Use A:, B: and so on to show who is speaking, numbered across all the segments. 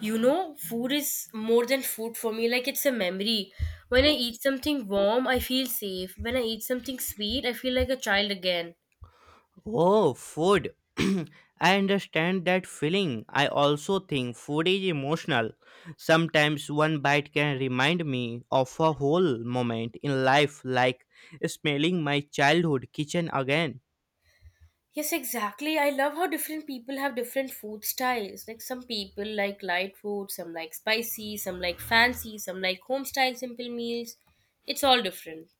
A: You know, food is more than food for me, like it's a memory. When I eat something warm, I feel safe. When I eat something sweet, I feel like a child again.
B: Oh, food. I understand that feeling. I also think food is emotional. Sometimes one bite can remind me of a whole moment in life, like smelling my childhood kitchen again.
A: Yes, exactly. I love how different people have different food styles. Like some people like light food, some like spicy, some like fancy, some like home style simple meals. It's all different.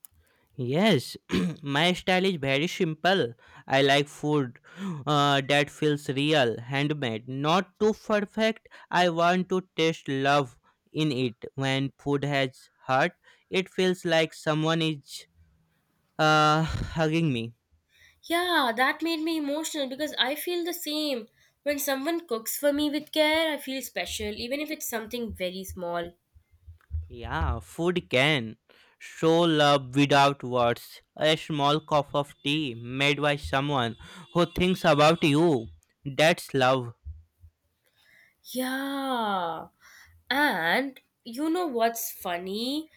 B: Yes, my style is very simple. I like food that feels real, handmade, not too perfect. I want to taste love in it. When food has heart, it feels like someone is hugging me.
A: Yeah, that made me emotional because I feel the same. When someone cooks for me with care, I feel special, even if it's something very small.
B: Yeah, food can show love without words. A small cup of tea made by someone who thinks about you. That's love.
A: Yeah. And you know what's funny?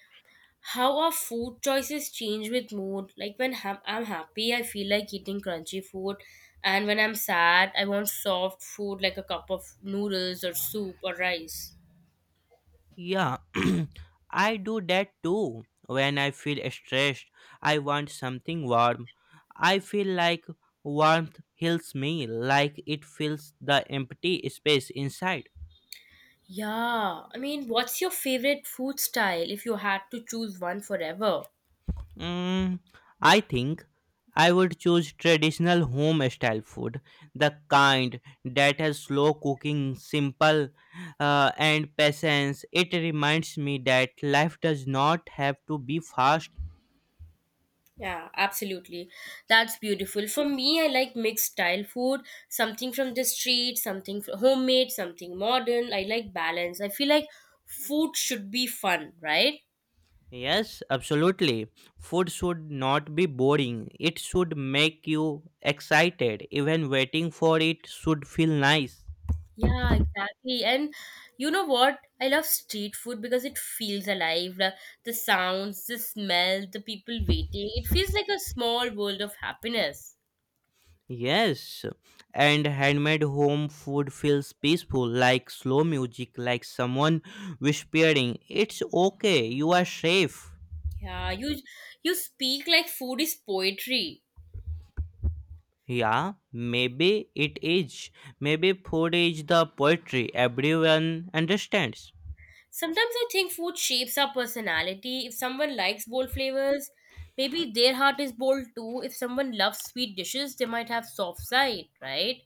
A: How our food choices change with mood. Like when I'm happy, I feel like eating crunchy food. And when I'm sad, I want soft food like a cup of noodles or soup or rice.
B: Yeah, I do that too. When I feel stressed, I want something warm. I feel like warmth heals me, like it fills the empty space inside.
A: Yeah. I mean, what's your favorite food style if you had to choose one forever?
B: Mm, I think I would choose traditional home style food, the kind that has slow cooking, simple, and patience. It reminds me that life does not have to be fast.
A: Yeah, absolutely. That's beautiful. For me, I like mixed style food, something from the street, something homemade, something modern. I like balance. I feel like food should be fun, right?
B: Yes, absolutely. Food should not be boring. It should make you excited. Even waiting for it should feel nice.
A: Yeah, exactly. And you know what? I love street food because it feels alive. The sounds, the smell, the people waiting. It feels like a small world of happiness.
B: Yes, and handmade home food feels peaceful, like slow music, like someone whispering, "It's okay, you are safe."
A: Yeah, you speak like food is poetry.
B: Yeah, maybe it is. Maybe food is the poetry everyone understands.
A: Sometimes I think food shapes our personality. If someone likes bold flavors, maybe their heart is bold too. If someone loves sweet dishes, they might have soft side, right?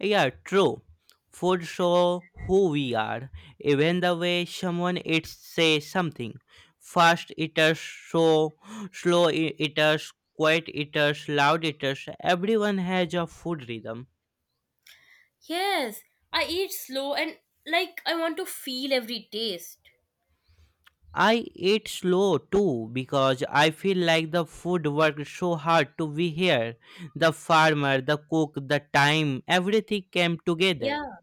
B: Yeah, true. Food show who we are, even the way someone eats say something. Fast eaters show eaters, quiet eaters, loud eaters. Everyone has a food rhythm.
A: Yes, I eat slow and like I want to feel every taste.
B: I eat slow too because I feel like the food worked so hard to be here. The farmer, the cook, the time, everything came together.
A: Yeah.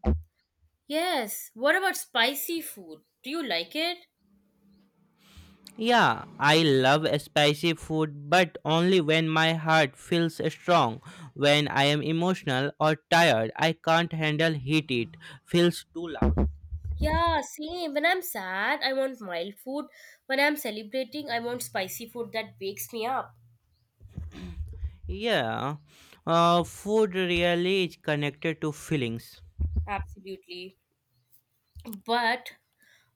A: Yes. What about spicy food? Do you like it?
B: Yeah, I love spicy food, but only when my heart feels strong. When I am emotional or tired, I can't handle heat. It feels too loud.
A: Yeah, same. When I'm sad, I want mild food. When I'm celebrating, I want spicy food that wakes me up.
B: Yeah, food really is connected to feelings.
A: Absolutely. But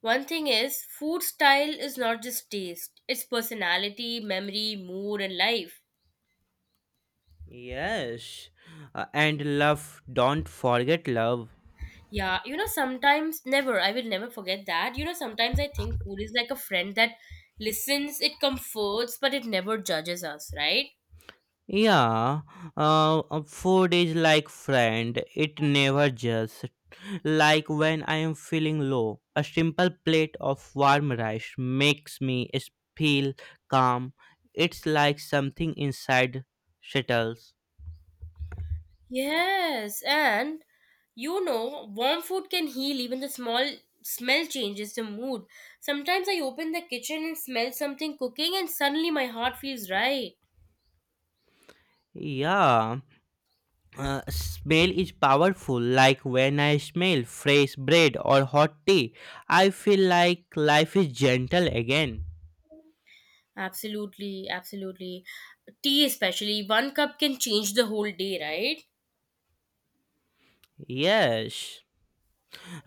A: one thing is, food style is not just taste, it's personality, memory, mood, and life.
B: Yes, and love. Don't forget love.
A: Yeah, you know, sometimes, never, I will never forget that. You know, sometimes I think food is like a friend that listens, it comforts, but it never judges us, right?
B: Yeah, food is like friend. It never just like when I am feeling low. A simple plate of warm rice makes me feel calm. It's like something inside settles.
A: Yes, and you know, warm food can heal. Even the small smell changes the mood. Sometimes I open the kitchen and smell something cooking, and suddenly my heart feels right.
B: Yeah, smell is powerful. Like when I smell fresh bread or hot tea, I feel like life is gentle again.
A: Absolutely, absolutely. Tea, especially, one cup can change the whole day, right?
B: Yes,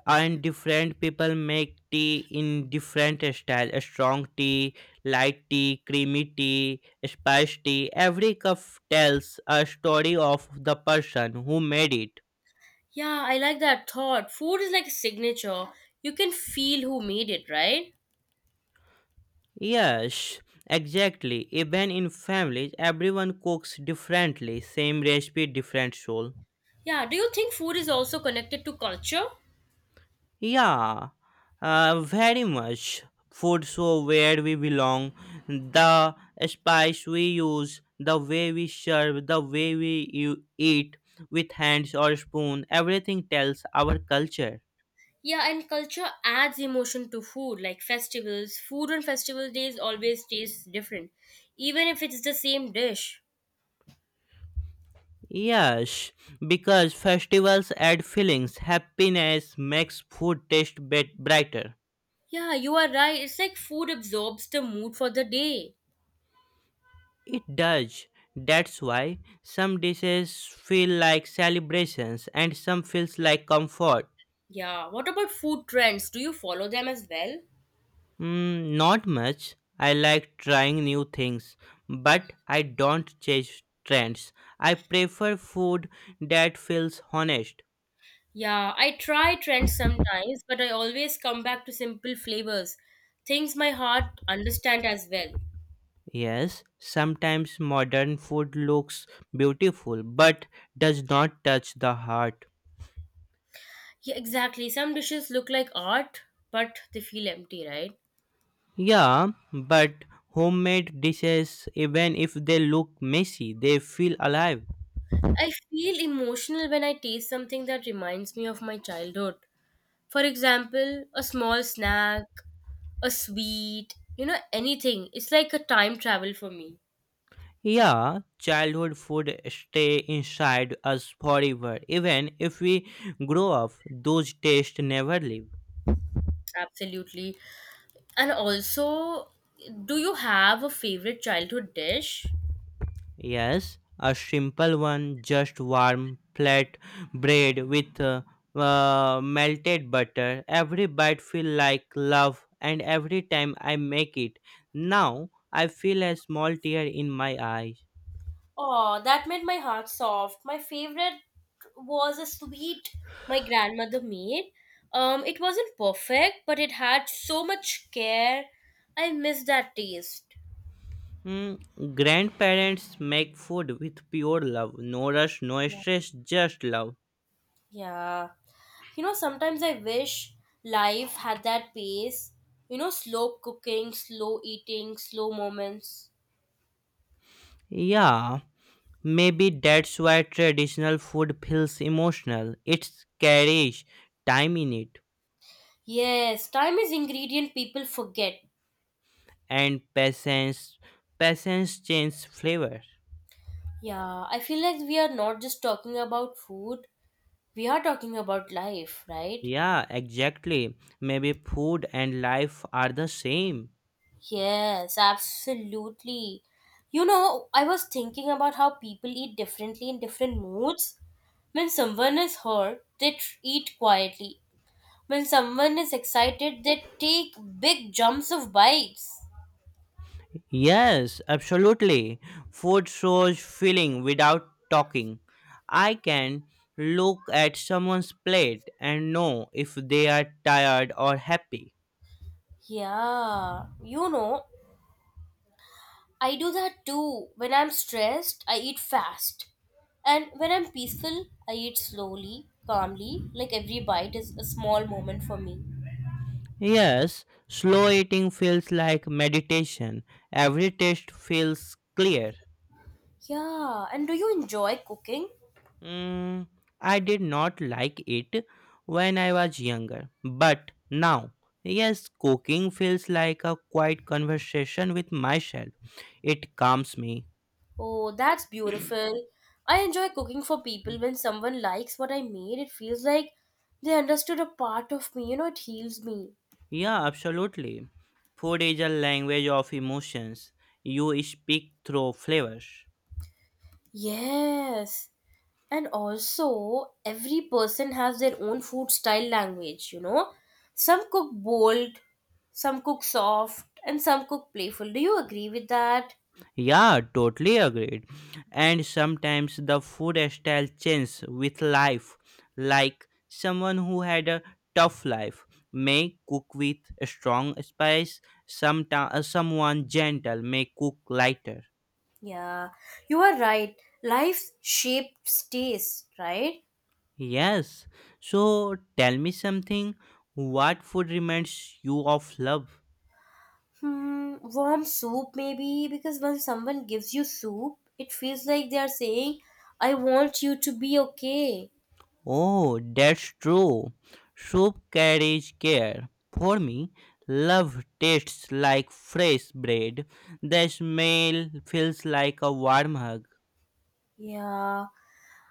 B: and different people make tea in different style, a strong tea, light tea, creamy tea, spice tea. Every cup tells a story of the person who made it.
A: Yeah, I like that thought. Food is like a signature. You can feel who made it, right?
B: Yes, exactly. Even in families everyone cooks differently, same recipe, different soul.
A: Yeah, do you think food is also connected to culture?
B: Yeah, very much. Food so where we belong, the spice we use, the way we serve, the way we you eat with hands or spoon, everything tells our culture.
A: Yeah, and culture adds emotion to food, like festivals. Food on festival days always tastes different, even if it's the same dish.
B: Yes, because festivals add feelings. Happiness makes food taste brighter.
A: Yeah, you are right. It's like food absorbs the mood for the day.
B: It does. That's why some dishes feel like celebrations and some feels like comfort.
A: Yeah, what about food trends? Do you follow them as well?
B: Mm, not much. I like trying new things, but I don't chase trends. I prefer food that feels honest.
A: Yeah, I try trends sometimes, but I always come back to simple flavors, things my heart understand as well.
B: Yes, sometimes modern food looks beautiful but does not touch the heart.
A: Yeah, exactly. Some dishes look like art, but they feel empty, right?
B: Yeah, but homemade dishes, even if they look messy, they feel alive.
A: I feel emotional when I taste something that reminds me of my childhood. For example, a small snack, a sweet, you know, anything. It's like a time travel for me.
B: Yeah, childhood food stay inside us forever. Even if we grow up, those tastes never leave.
A: Absolutely. And also, do you have a favorite childhood dish?
B: Yes, a simple one, just warm flat bread with melted butter. Every bite feel like love, and every time I make it, now I feel a small tear in my eyes.
A: Oh, that made my heart soft. My favorite was a sweet my grandmother made. It wasn't perfect, but it had so much care. I miss that taste.
B: Hmm, grandparents make food with pure love, no rush, no
A: Yeah.
B: stress, just love.
A: Yeah. You know, sometimes I wish life had that pace. You know, slow cooking, slow eating, slow moments.
B: Yeah. Maybe that's why traditional food feels emotional. It carries time in it,
A: Yes, time is ingredient people forget.
B: and patience. Patience changes flavor.
A: Yeah, I feel like we are not just talking about food. We are talking about life, right?
B: Yeah, exactly. Maybe food and life are the same.
A: Yes, absolutely. You know, I was thinking about how people eat differently in different moods. When someone is hurt, eat quietly. When someone is excited, they take big jumps of bites.
B: Yes, absolutely. Food shows feeling without talking. I can look at someone's plate and know if they are tired or happy.
A: Yeah, you know, I do that too. When I'm stressed, I eat fast. And when I'm peaceful, I eat slowly, calmly, like every bite is a small moment for me.
B: Yes, slow eating feels like meditation. Every taste feels clear.
A: Yeah, and do you enjoy cooking?
B: Mm, I did not like it when I was younger, but now, yes, cooking feels like a quiet conversation with myself. It calms me.
A: Oh, that's beautiful. I enjoy cooking for people when someone likes what I made. It feels like they understood a part of me. You know, it heals me.
B: Yeah, absolutely. Food is a language of emotions. You speak through flavors.
A: Yes. And also, every person has their own food style language, you know. Some cook bold, some cook soft, and some cook playful. Do you agree with that?
B: Yeah, totally agreed. And sometimes the food style changes with life. Like someone who had a tough life may cook with strong spice, someone gentle may cook lighter.
A: Yeah, you are right. Life shapes taste, right?
B: Yes. So tell me something. What food reminds you of love?
A: Hmm, warm soup maybe because when someone gives you soup, it feels like they are saying, "I want you to be okay."
B: Oh, that's true. Soup carries care. For me, love tastes like fresh bread. The smell feels like a warm hug.
A: Yeah.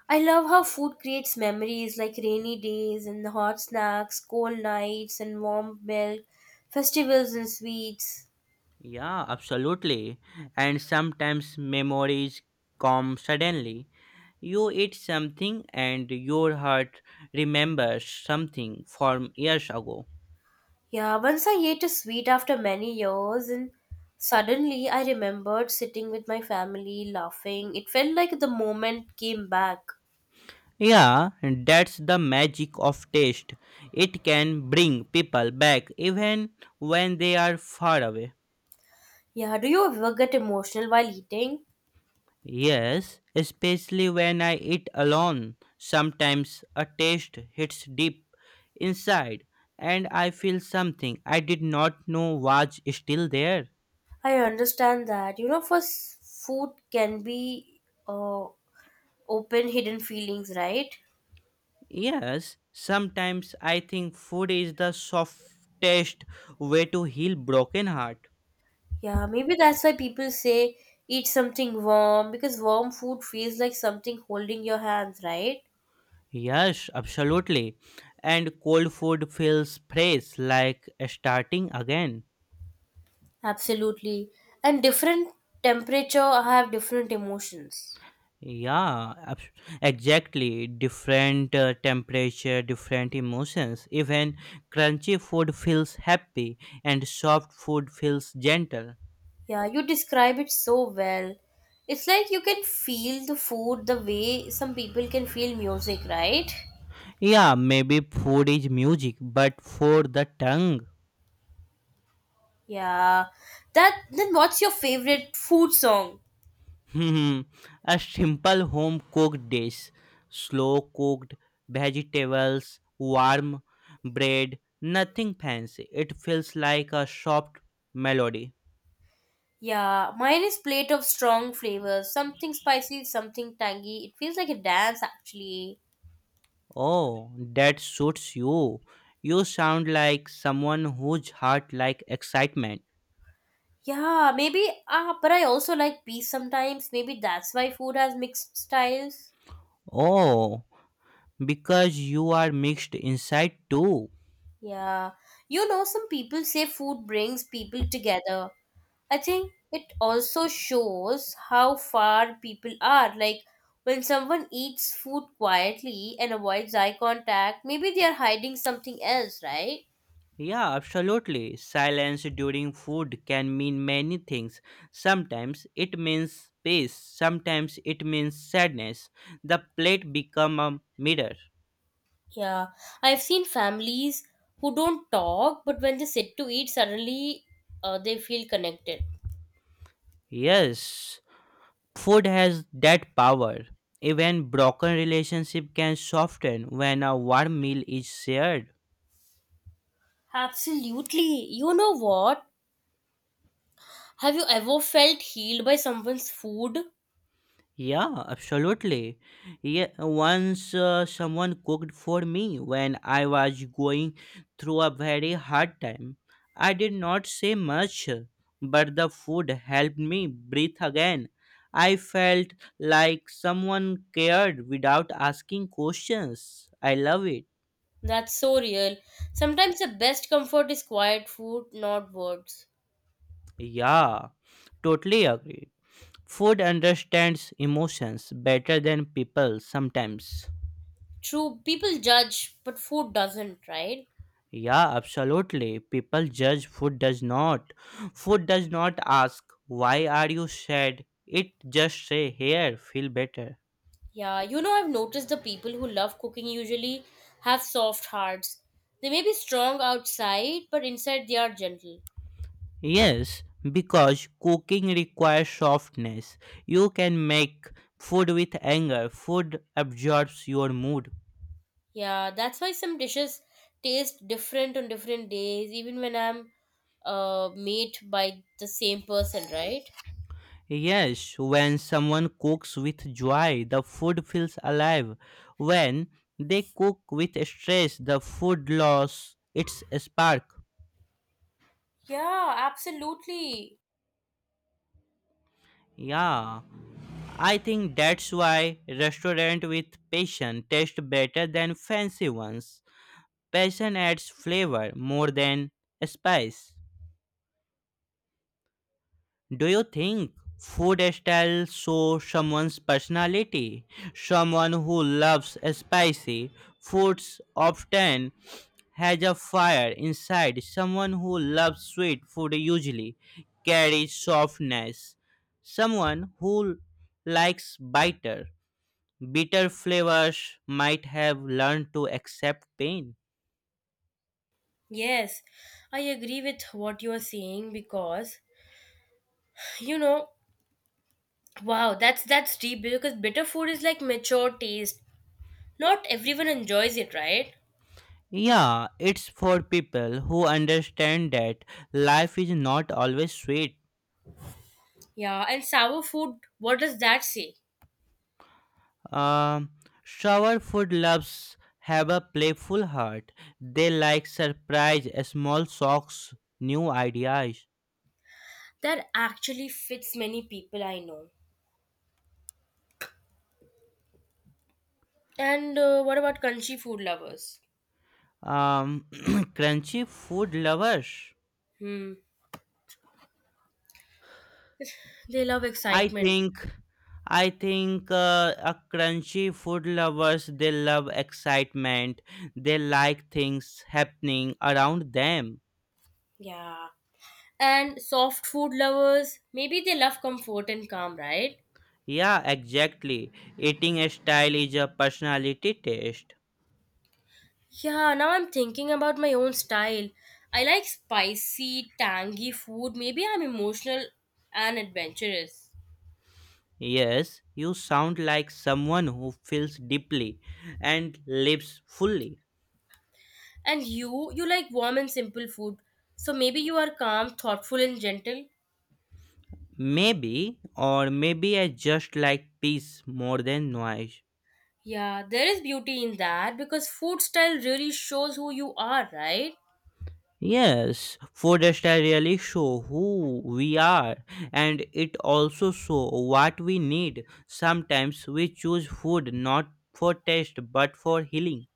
A: I love how food creates memories like rainy days and hot snacks, cold nights and warm milk, festivals and sweets.
B: Yeah, absolutely. And sometimes memories come suddenly. You eat something and your heart remembers something from years ago.
A: Yeah, once I ate a sweet after many years and suddenly I remembered sitting with my family laughing. It felt like the moment came back.
B: Yeah, that's the magic of taste. It can bring people back even when they are far away.
A: Yeah, do you ever get emotional while eating?
B: Yes, especially when I eat alone. Sometimes a taste hits deep inside and I feel something I did not know was still there.
A: I understand that. You know, food can be uh, open hidden feelings, right?
B: Yes, sometimes I think food is the softest way to heal broken heart.
A: Yeah, maybe that's why people say eat something warm because warm food feels like something holding your hands, right?
B: Yes, absolutely. And cold food feels fresh, like starting again.
A: Absolutely. And different temperature have different emotions.
B: Yeah, exactly. Different temperature, different emotions. Even crunchy food feels happy, and soft food feels gentle.
A: Yeah, you describe it so well. It's like you can feel the food the way some people can feel music, right?
B: Yeah, maybe food is music, but for the tongue.
A: Yeah. That then what's your favorite food song?
B: Hmm, a simple home cooked dish, slow cooked vegetables, warm bread, nothing fancy. It feels like a soft melody.
A: Yeah, mine is plate of strong flavors. Something spicy, something tangy. It feels like a dance actually.
B: Oh, that suits you. You sound like someone whose heart like excitement.
A: Yeah, maybe ah, but I also like peace sometimes. Maybe that's why food has mixed styles.
B: Oh, because you are mixed inside too.
A: Yeah. You know, some people say food brings people together. I think it also shows how far people are. Like when someone eats food quietly and avoids eye contact, maybe they are hiding something else, right?
B: Yeah, absolutely. Silence during food can mean many things. Sometimes it means peace, sometimes it means sadness. The plate become a mirror.
A: Yeah, I've seen families who don't talk, but when they sit to eat, suddenly they feel connected.
B: Yes, food has that power. Even broken relationship can soften when a warm meal is shared.
A: Absolutely. You know what? Have you ever felt healed by someone's food?
B: Yeah, absolutely. Yeah, once someone cooked for me when I was going through a very hard time. I did not say much, but the food helped me breathe again. I felt like someone cared without asking questions. I love it.
A: That's so real. Sometimes the best comfort is quiet food, not words.
B: Yeah, totally agree. Food understands emotions better than people sometimes.
A: True, people judge, but food doesn't, right?
B: Yeah, absolutely. People judge, food does not. Food does not ask, "Why are you sad?" It just say, "Here, feel better."
A: Yeah, you know, I've noticed the people who love cooking usually have soft hearts. They may be strong outside, but inside they are gentle.
B: Yes, because cooking requires softness. You can make food with anger. Food absorbs your mood.
A: Yeah, that's why some dishes taste different on different days, even when I'm made by the same person, right?
B: Yes, when someone cooks with joy, the food feels alive. When they cook with stress, the food loses its spark.
A: Yeah, absolutely.
B: Yeah. I think that's why restaurant with passion taste better than fancy ones. Passion adds flavor more than spice. Do you think food style shows someone's personality? Someone who loves spicy foods often has a fire inside. Someone who loves sweet food usually carries softness. Someone who likes bitter bitter flavors might have learned to accept pain.
A: Yes, I agree with what you are saying because you know, wow, that's deep because bitter food is like mature taste. Not everyone enjoys it, right?
B: Yeah, it's for people who understand that life is not always sweet.
A: Yeah, and sour food, what does that say?
B: Um, sour food loves have a playful heart. They like surprise, small shocks, new ideas.
A: That actually fits many people I know. And what about crunchy food lovers?
B: Um, crunchy food lovers.
A: Hmm. They love
B: I
A: excitement.
B: think I think a crunchy food lovers they love excitement. They like things happening around them.
A: Yeah. And soft food lovers, maybe they love comfort and calm, right?
B: Yeah, exactly. Eating style is a personality test.
A: Yeah, now I'm thinking about my own style. I like spicy, tangy food. Maybe I'm emotional and adventurous.
B: Yes, you sound like someone who feels deeply and lives fully.
A: And you like warm and simple food. So maybe you are calm, thoughtful, and gentle.
B: Maybe, or maybe I just like peace more than noise.
A: Yeah, there is beauty in that because food style really shows who you are, right?
B: Yes, forests really show who we are, and it also show what we need. Sometimes we choose food not for taste but for healing.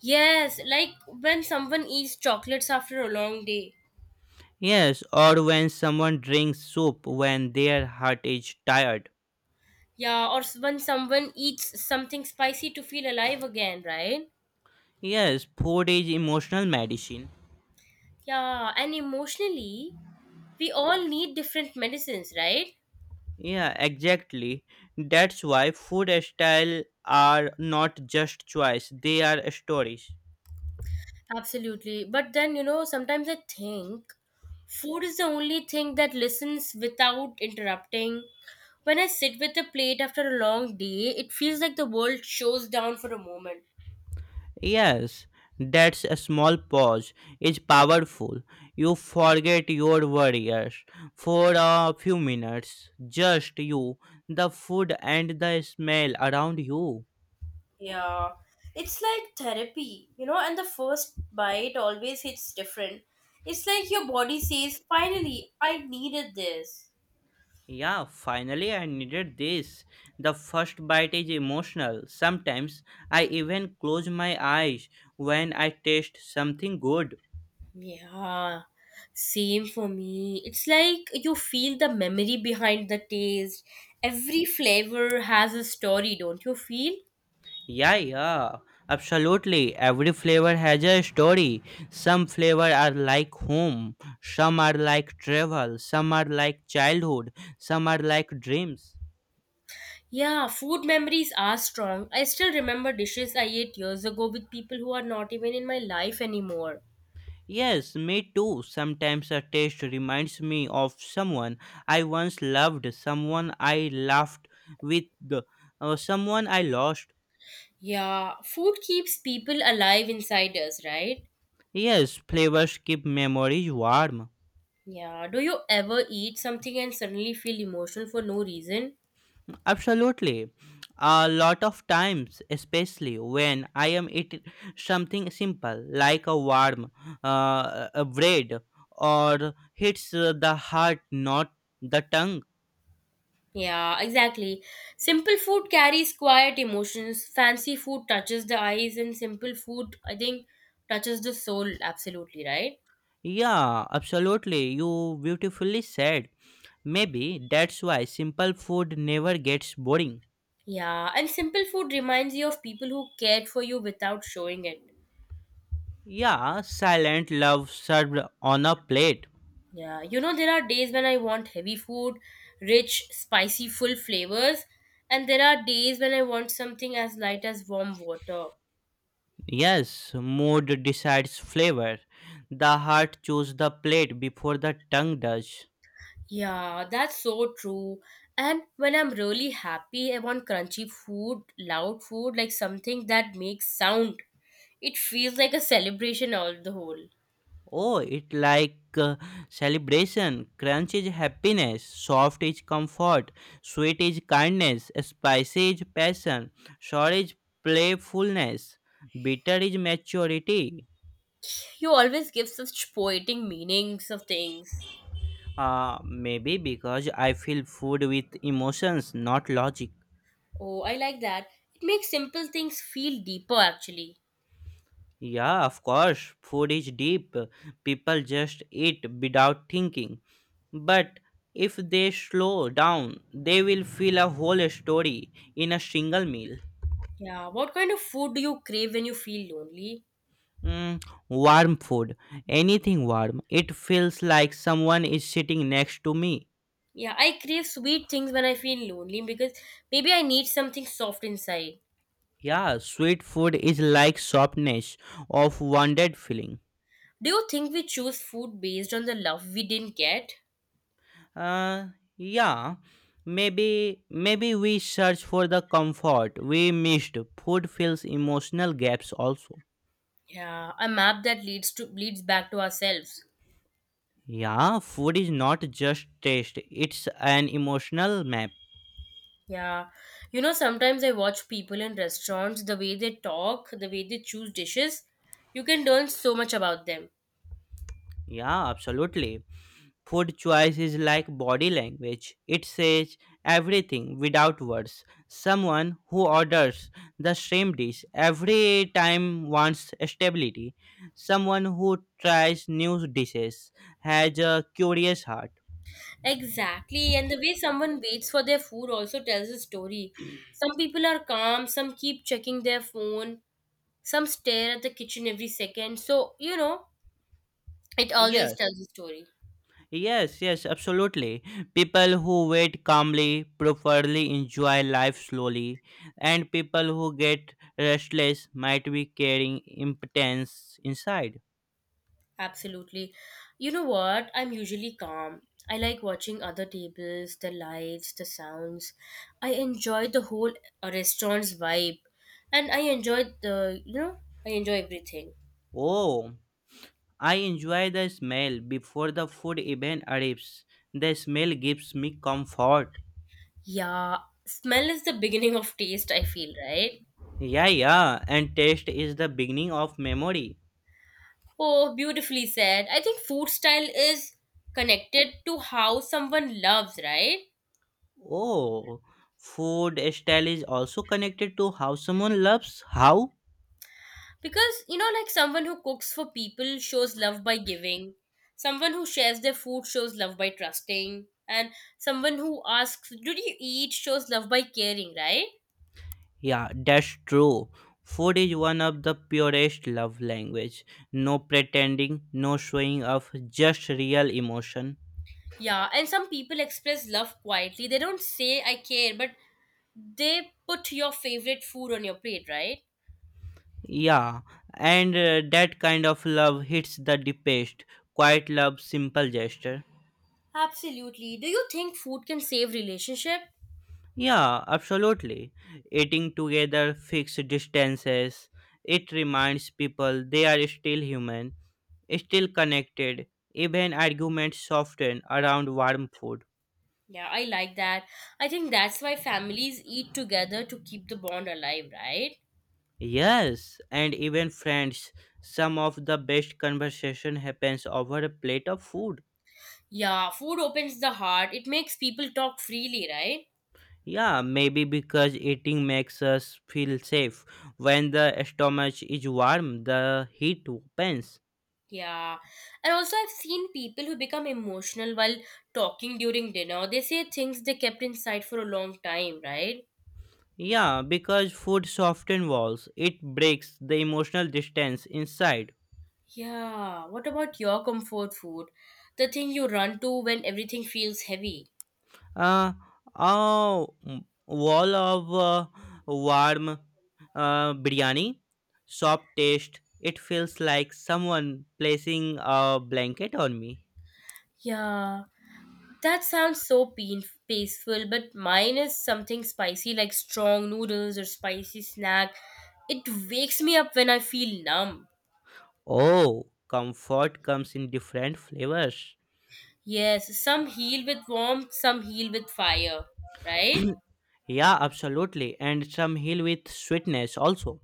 A: Yes, like when someone eats chocolates after a long day.
B: Yes, or when someone drinks soup when their heart is tired.
A: Yeah, or when someone eats something spicy to feel alive again, right?
B: Yes, food is emotional medicine.
A: Yeah, and emotionally, we all need different medicines, right?
B: Yeah, exactly. That's why food style are not just choice, they are stories.
A: Absolutely. But then, you know, sometimes I think food is the only thing that listens without interrupting. When I sit with a plate after a long day, it feels like the world shows down for a moment.
B: Yes, that's a small pause is powerful. You forget your worries for a few minutes. Just you, the food and the smell around you.
A: Yeah, it's like therapy, you know, and the first bite always hits different. It's like your body says, finally, I needed this.
B: Yeah, finally I needed this. The first bite is emotional. Sometimes I even close my eyes when I taste something good.
A: Yeah, same for me. It's like you feel the memory behind the taste. Every flavor has a story, don't you feel?
B: Yeah, yeah, absolutely. Every flavor has a story. Some flavor are like home, some are like travel, some are like childhood, some are like dreams.
A: Yeah, food memories are strong. I still remember dishes I ate years ago with people who are not even in my life anymore.
B: Yes, me too. Sometimes a taste reminds me of someone I once loved, someone I laughed with, or someone I lost.
A: Yeah, food keeps people alive inside us, right?
B: Yes, flavors keep memories warm.
A: Yeah. Do you ever eat something and suddenly feel emotional for no reason?
B: Absolutely. A lot of times, especially when I am eating something simple like a warm a bread or hits the heart, not the tongue.
A: Yeah, exactly. Simple food carries quiet emotions. Fancy food touches the eyes, and simple food, I think, touches the soul. Absolutely, right?
B: Yeah, absolutely. You beautifully said. Maybe that's why simple food never gets boring.
A: Yeah, and simple food reminds you of people who cared for you without showing it.
B: Yeah, silent love served on a plate.
A: Yeah, you know, there are days when I want heavy food, rich, spicy, full flavors, and there are days when I want something as light as warm water.
B: Yes, mood decides flavor. The heart chooses the plate before the tongue does.
A: Yeah, that's so true. And when I'm really happy, I want crunchy food, loud food, like something that makes sound. It feels like a celebration all the whole.
B: Oh, it like celebration. Crunch is happiness. Soft is comfort. Sweet is kindness. Spicy is passion. Sour is playfulness. Bitter is maturity.
A: You always give such poetic meanings of things.
B: Maybe because I feel food with emotions, not logic.
A: Oh, I like that. It makes simple things feel deeper actually.
B: Yeah, of course, food is deep. People just eat without thinking. But if they slow down, they will feel a whole story in a single meal.
A: Yeah, what kind of food do you crave when you feel lonely?
B: Mm, warm food, anything warm. It feels like someone is sitting next to me.
A: Yeah, I crave sweet things when I feel lonely because maybe I need something soft inside.
B: Yeah, sweet food is like softness of wounded feeling.
A: Do you think we choose food based on the love we didn't get?
B: Uh, yeah, maybe we search for the comfort we missed. Food fills emotional gaps also.
A: Yeah, a map that leads back to ourselves.
B: Yeah, food is not just taste; it's an emotional map.
A: Yeah. You know, sometimes I watch people in restaurants, the way they talk, the way they choose dishes, you can learn so much about them.
B: Yeah, absolutely. Food choice is like body language. It says everything without words. Someone who orders the same dish every time wants stability. Someone who tries new dishes has a curious heart.
A: Exactly, and the way someone waits for their food also tells a story. Some people are calm, some keep checking their phone, some stare at the kitchen every second. So, you know, it always
B: Yes,
A: tells a story.
B: yes, yes, absolutely. People who wait calmly, properly enjoy life slowly, and people who get restless might be carrying impotence inside.
A: Absolutely. You know what? I'm usually calm. I like watching other tables, the lights, the sounds. I enjoy the whole restaurant's vibe. And I enjoy the, you know, I enjoy everything.
B: Oh. I enjoy the smell before the food even arrives. The smell gives me comfort.
A: Yeah, smell is the beginning of taste, I feel, right?
B: Yeah, yeah, and taste is the beginning of memory.
A: Oh, beautifully said. I think food style is connected to how someone loves, right?
B: Oh, food style is also connected to how someone loves. How?
A: Because, you know, like someone who cooks for people shows love by giving, someone who shares their food shows love by trusting, and someone who asks, Do you eat? Shows love by caring, right?
B: Yeah, that's true. Food is one of the purest love language. No pretending, no showing off, just real emotion.
A: Yeah, and some people express love quietly. They don't say, I care, but they put your favorite food on your plate, right?
B: Yeah, and that kind of love hits the deepest. Quiet love, simple gesture.
A: Absolutely. Do you think food can save relationship?
B: Yeah, absolutely. Eating together, fixed distances. It reminds people they are still human, still connected. Even arguments soften around warm food.
A: Yeah, I like that. I think that's why families eat together to keep the bond alive, right?
B: Yes, and even friends. Some of the best conversation happens over a plate of food.
A: Yeah, food opens the heart. It makes people talk freely, right?
B: Yeah, maybe because eating makes us feel safe. When the stomach is warm, the heat opens.
A: Yeah. And also, I've seen people who become emotional while talking during dinner. They say things they kept inside for a long time, right?
B: Yeah, because food softens walls, it breaks the emotional distance inside.
A: Yeah. What about your comfort food? The thing you run to when everything feels heavy.
B: Uh, a wall of warm biryani, soft taste, it feels like someone placing a blanket on me.
A: Yeah. That sounds so peaceful, but mine is something spicy like strong noodles or spicy snack. It wakes me up when I feel numb.
B: Oh, comfort comes in different flavors.
A: Yes, some heal with warmth, some heal with fire, right?
B: Yeah, absolutely. And some heal with sweetness also.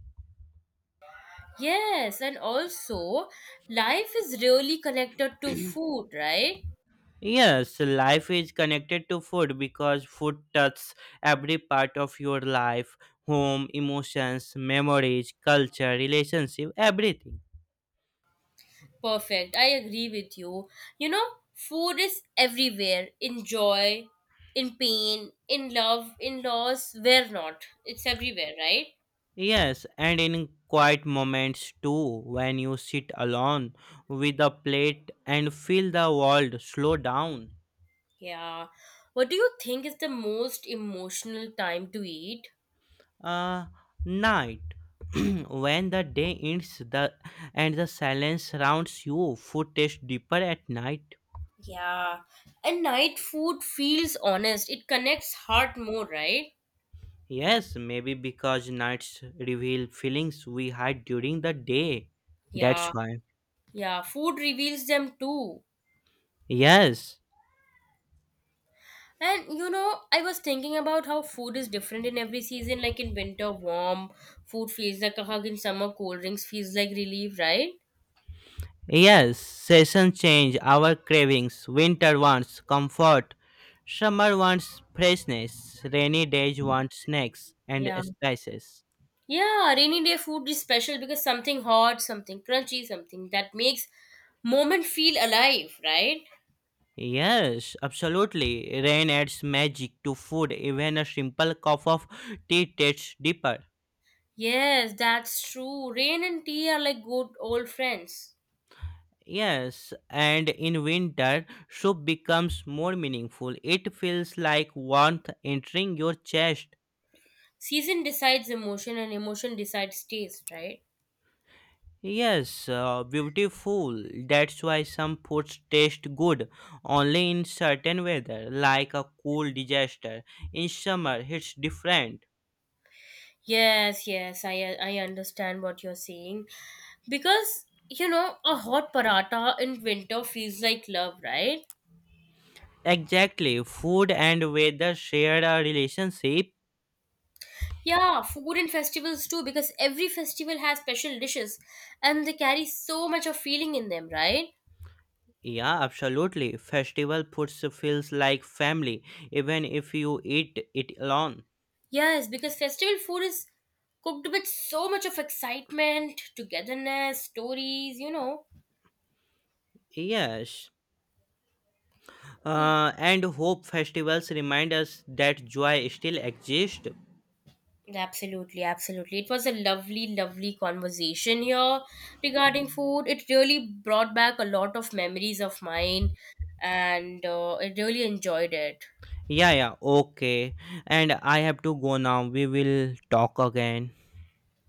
A: Yes, and also life is really connected to food, right?
B: Yes, life is connected to food because food touches every part of your life, home, emotions, memories, culture, relationship, everything.
A: Perfect. I agree with you. You know, food is everywhere in joy, in pain, in love, in loss, where not. It's everywhere, right?
B: Yes, and in quiet moments too, when you sit alone with a plate and feel the world slow down.
A: Yeah. What do you think is the most emotional time to eat?
B: uh, night. When the day ends, the and the silence surrounds you, food tastes deeper at night.
A: Yeah. And night food feels honest. It connects heart more, right?
B: Yes, maybe because nights reveal feelings we hide during the day. That's
A: Yeah,
B: why.
A: yeah, food reveals them too.
B: Yes,
A: And you know, I was thinking about how food is different in every season. Like in winter, warm food feels like a hug. In summer, cold drinks feels like relief, right?
B: yes, seasons change our cravings. Winter wants comfort, summer wants freshness, rainy days want snacks and
A: Yeah.
B: spices.
A: Yeah, rainy day food is special because something hot, something crunchy, something that makes moment feel alive, right?
B: Yes, absolutely. Rain adds magic to food. Even a simple cup of tea tastes deeper.
A: Yes, that's true. Rain and tea are like good old friends.
B: Yes, and in winter, soup becomes more meaningful. It feels like warmth entering your chest.
A: Season decides emotion and emotion decides taste, right?
B: Yes, beautiful. That's why some foods taste good only in certain weather, like a cool disaster. In summer, it's different.
A: Yes, yes, I understand what you're saying. Because, you know, a hot paratha in winter feels like love, right?
B: Exactly, food and weather share a relationship.
A: Yeah, food and festivals too, because every festival has special dishes and they carry so much of feeling in them, right?
B: Yeah, absolutely. Festival foods feels like family, even if you eat it alone.
A: Yes, because festival food is cooked with so much of excitement, togetherness, stories, you know.
B: Yes.
A: Yeah.
B: And hope festivals remind us that joy still exists.
A: Absolutely, absolutely. It was a lovely, lovely conversation here regarding food. It really brought back a lot of memories of mine, and I really enjoyed it.
B: Yeah, yeah, okay. And I have to go now. We will talk again.